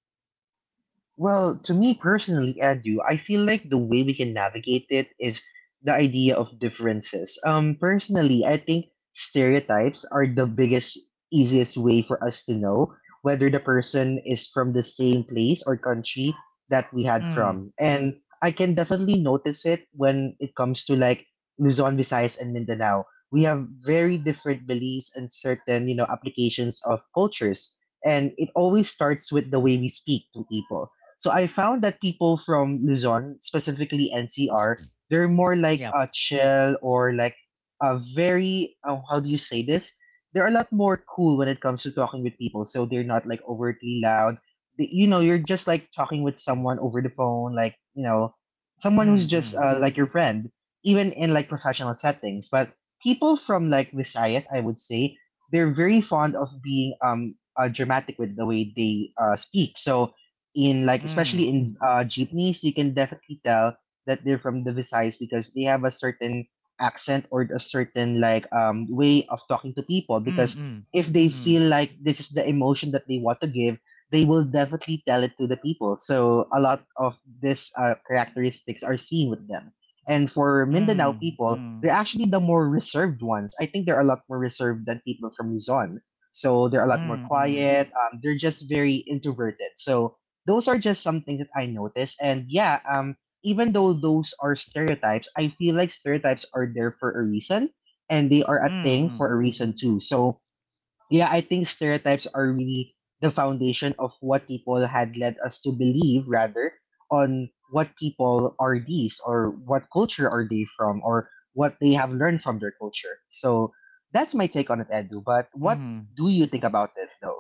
Speaker 2: Well, to me personally, Edu, I feel like the way we can navigate it is the idea of differences. Personally, I think stereotypes are the biggest, easiest way for us to know whether the person is from the same place or country that we had
Speaker 1: Mm,
Speaker 2: from. And I can definitely notice it when it comes to like Luzon, Visayas, and Mindanao. We have very different beliefs and certain, you know, applications of cultures. And it always starts with the way we speak to people. So I found that people from Luzon, specifically NCR, they're more like
Speaker 1: yep.
Speaker 2: a chill or like a very, oh, how do you say this? They're a lot more cool when it comes to talking with people. So they're not like overtly loud. They- You know, you're just like talking with someone over the phone, like you know, someone who's
Speaker 1: Mm,
Speaker 2: just
Speaker 1: mm,
Speaker 2: like your friend, even in like professional settings. But people from like Visayas, I would say, they're very fond of being dramatic with the way they speak. So in like
Speaker 1: mm,
Speaker 2: especially in jeepneys, you can definitely tell that they're from the Visayas because they have a certain accent or a certain like way of talking to people.
Speaker 1: mm,
Speaker 2: Because
Speaker 1: mm,
Speaker 2: if they
Speaker 1: mm,
Speaker 2: feel like this is the emotion that they want to give, they will definitely tell it to the people. So a lot of this characteristics are seen with them. And for Mindanao
Speaker 1: mm,
Speaker 2: people,
Speaker 1: mm,
Speaker 2: they're actually the more reserved ones. I think they're a lot more reserved than people from Luzon. So they're a lot more
Speaker 1: mm, mm,
Speaker 2: quiet. They're just very introverted. So those are just some things that I noticed. And yeah, even though those are stereotypes, I feel like stereotypes are there for a reason and they are a
Speaker 1: mm,
Speaker 2: thing
Speaker 1: mm,
Speaker 2: for a reason too. So yeah, I think stereotypes are really the foundation of what people had led us to believe, rather on what people are these or what culture are they from or what they have learned from their culture. So that's my take on it, Edu. But what
Speaker 1: mhm.
Speaker 2: do you think about it though?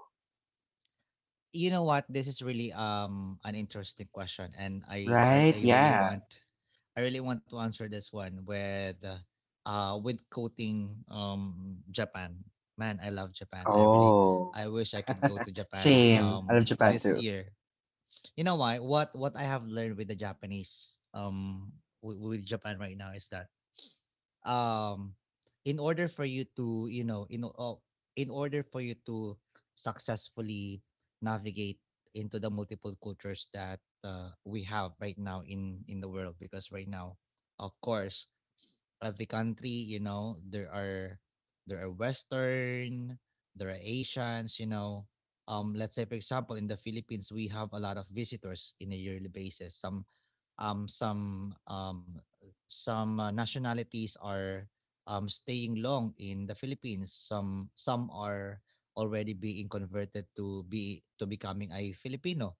Speaker 1: You know what? This is really an interesting question, and I I,
Speaker 2: Right?
Speaker 1: I really
Speaker 2: Yeah.
Speaker 1: want I really want to answer this one with quoting Japan. Man, I love Japan. I really
Speaker 2: Oh.
Speaker 1: I wish I could go to Japan
Speaker 2: Same. I love Japan
Speaker 1: this
Speaker 2: too.
Speaker 1: year. You know why? What I have learned with the Japanese with Japan right now is that um in order for you to, you know, in order for you to successfully navigate into the multiple cultures that we have right now in the world, because right now, of course, of the country, you know, there are Western, there are Asians, you know. Let's say, for example, in the Philippines, we have a lot of visitors in a yearly basis. Um some um some nationalities are staying long in the Philippines. Some are already being converted to be to becoming a Filipino.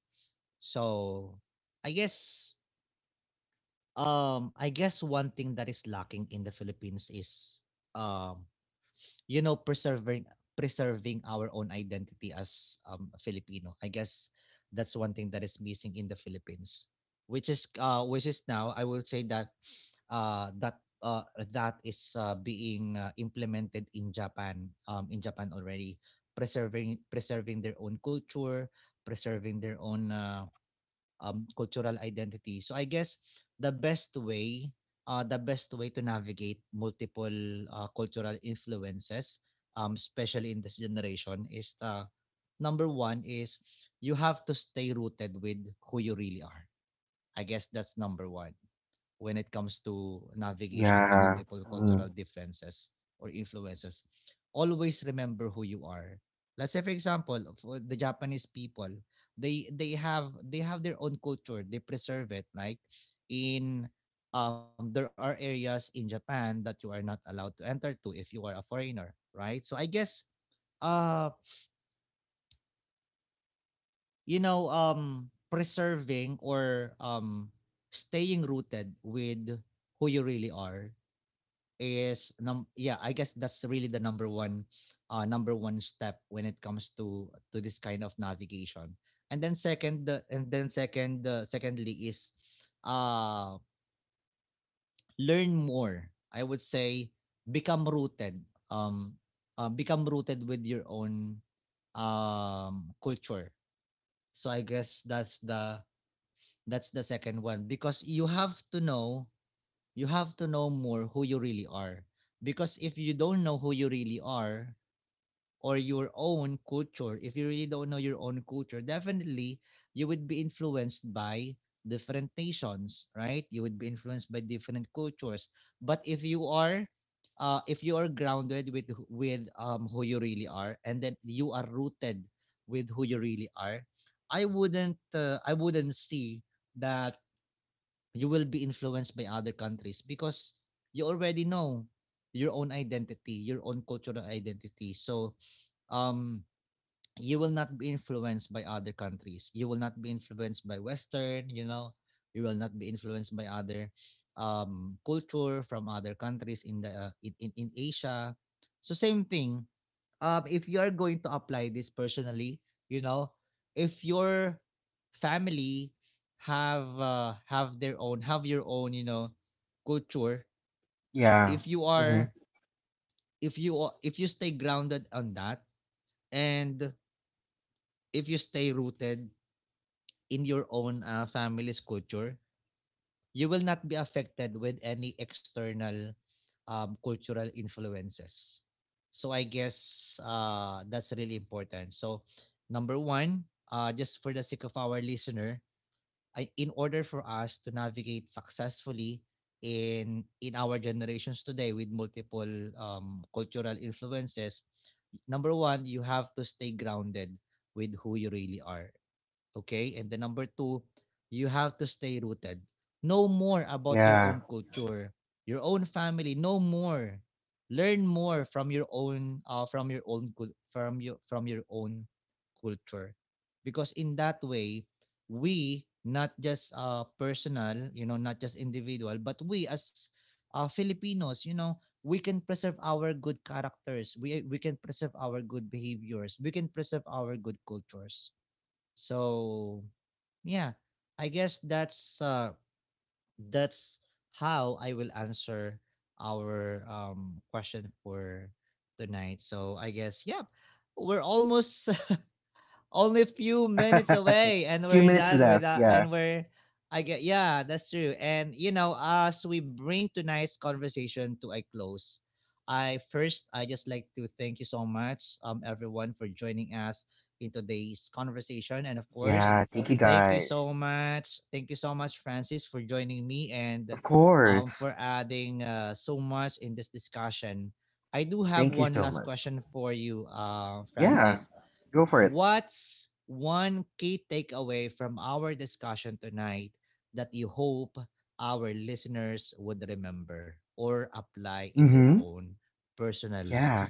Speaker 1: So I guess I guess one thing that is lacking in the Philippines is, um, you know, preserving preserving our own identity as a Filipino. I guess that's one thing that is missing in the Philippines, which is now I will say that uh, that uh, that is being implemented in Japan, in Japan already, preserving preserving their own culture, preserving their own. Cultural identity. So I guess the best way, the best way to navigate multiple cultural influences, especially in this generation, is number one is you have to stay rooted with who you really are. I guess that's number one. When it comes to navigation to
Speaker 2: Yeah.
Speaker 1: multiple
Speaker 2: Mm.
Speaker 1: cultural differences or influences, always remember who you are. Let's say, for example, for the Japanese people, they have their own culture, they preserve it, right? In there are areas in Japan that you are not allowed to enter to if you are a foreigner, right? So I guess uh you know, preserving or staying rooted with who you really are is num yeah, I guess that's really the number one step when it comes to this kind of navigation. And then second the and then second secondly, is uh learn more, I would say. Become rooted, um become rooted with your own culture. So I guess that's the second one, because you have to know you have to know more who you really are. Because if you don't know who you really are or your own culture, if you really don't know your own culture, definitely you would be influenced by different nations, right? You would be influenced by different cultures. But if you are grounded with who you really are, and then you are rooted with who you really are, I wouldn't see that you will be influenced by other countries, because you already know your own identity, your own cultural identity. So um you will not be influenced by other countries. You will not be influenced by Western, you know, you will not be influenced by other culture from other countries in the in Asia. So same thing. If you are going to apply this personally, you know, if your family have their own have your own, you know, culture,
Speaker 2: Yeah.
Speaker 1: if you are
Speaker 2: Hmm.
Speaker 1: if you are- if you stay grounded on that, and if you stay rooted in your own family's culture, you will not be affected with any external cultural influences. So I guess that's really important. So number one, just for the sake of our listener, in order for us to navigate successfully in our generations today with multiple cultural influences, number one, you have to stay grounded with who you really are. Okay? And the number two, you have to stay rooted. Know more about your
Speaker 2: Yeah.
Speaker 1: own culture, your own family. Know more. Learn more from your own from your own culture, because in that way, we not just personal, you know, not just individual, but we as Filipinos, you know, we can preserve our good characters. We can preserve our good behaviors. We can preserve our good cultures. So yeah, I guess that's how I will answer our question for tonight. So I guess yeah, we're almost only few minutes away, and
Speaker 2: Few
Speaker 1: we're
Speaker 2: minutes
Speaker 1: done with
Speaker 2: left.
Speaker 1: that,
Speaker 2: Yeah.
Speaker 1: and we're I get yeah, that's true. And you know, as we bring tonight's conversation to a close, I just like to thank you so much, everyone, for joining us in today's conversation. And of course,
Speaker 2: Yeah. Thank you
Speaker 1: thank you
Speaker 2: guys.
Speaker 1: so much. Thank you so much, Francis, for joining me and
Speaker 2: Of course.
Speaker 1: for adding so much in this discussion. I do have
Speaker 2: Thank you
Speaker 1: one
Speaker 2: so
Speaker 1: last
Speaker 2: much.
Speaker 1: question for you,
Speaker 2: Yeah.
Speaker 1: Francis.
Speaker 2: Go for it.
Speaker 1: What's one key takeaway from our discussion tonight that you hope our listeners would remember or apply in their
Speaker 2: Mm-hmm.
Speaker 1: own personal
Speaker 2: Yeah.
Speaker 1: life?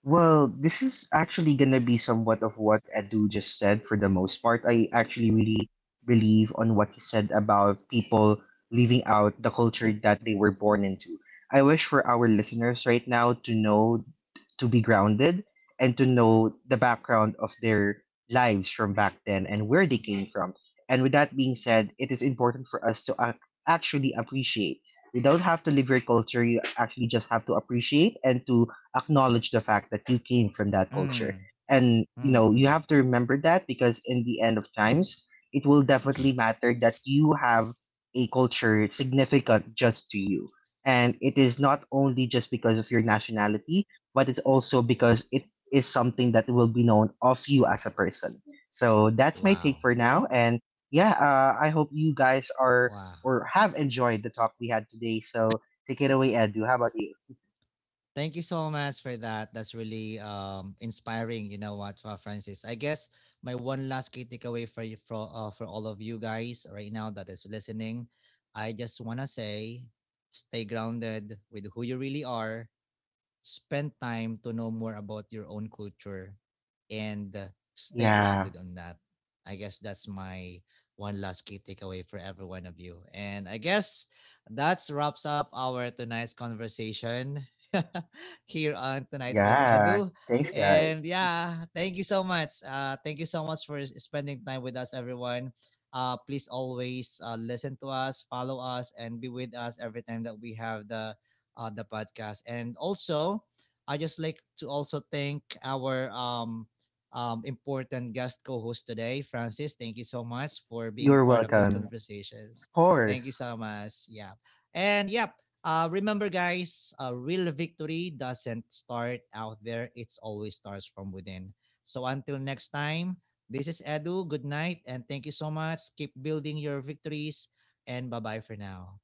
Speaker 2: Well, this is actually gonna be somewhat of what Edu just said for the most part. I actually really believe on what he said about people leaving out the culture that they were born into. I wish for our listeners right now to know to be grounded and to know the background of their lives from back then and where they came from. And with that being said, it is important for us to actually appreciate. You don't have to live your culture, you actually just have to appreciate and to acknowledge the fact that you came from that culture.
Speaker 1: Mm,
Speaker 2: And
Speaker 1: mm,
Speaker 2: you know,
Speaker 1: mm.
Speaker 2: you have to remember that, because in the end of times, it will definitely matter that you have a culture significant just to you. And it is not only just because of your nationality, but it's also because it is something that will be known of you as a person. So that's my take
Speaker 1: Wow.
Speaker 2: for now. And yeah, I hope you guys are
Speaker 1: Wow.
Speaker 2: or have enjoyed the talk we had today. So take it away, Edu. How about you?
Speaker 1: Thank you so much for that. That's really inspiring. You know what, Francis? I guess my one last key takeaway for you, for all of you guys right now that is listening, I just want to say, stay grounded with who you really are, spend time to know more about your own culture, and stay
Speaker 2: Yeah,
Speaker 1: grounded on that. I guess that's my one last key takeaway for every one of you. And I guess that's wraps up our tonight's conversation here on Tonight with
Speaker 2: yeah.
Speaker 1: Edu.
Speaker 2: Thanks, guys.
Speaker 1: And yeah, thank you so much. Thank you so much for spending time with us, everyone. Please always listen to us, follow us, and be with us every time that we have the podcast. And also, I just like to also thank our important guest co-host today, Francis. Thank you so much for being
Speaker 2: You're
Speaker 1: part of this
Speaker 2: welcome.
Speaker 1: conversations.
Speaker 2: Of
Speaker 1: Thank you so
Speaker 2: course.
Speaker 1: much. Yeah, and yeah. Remember, guys, a real victory doesn't start out there. It's always starts from within. So until next time, this is Edu. Good night, and thank you so much. Keep building your victories, and bye bye for now.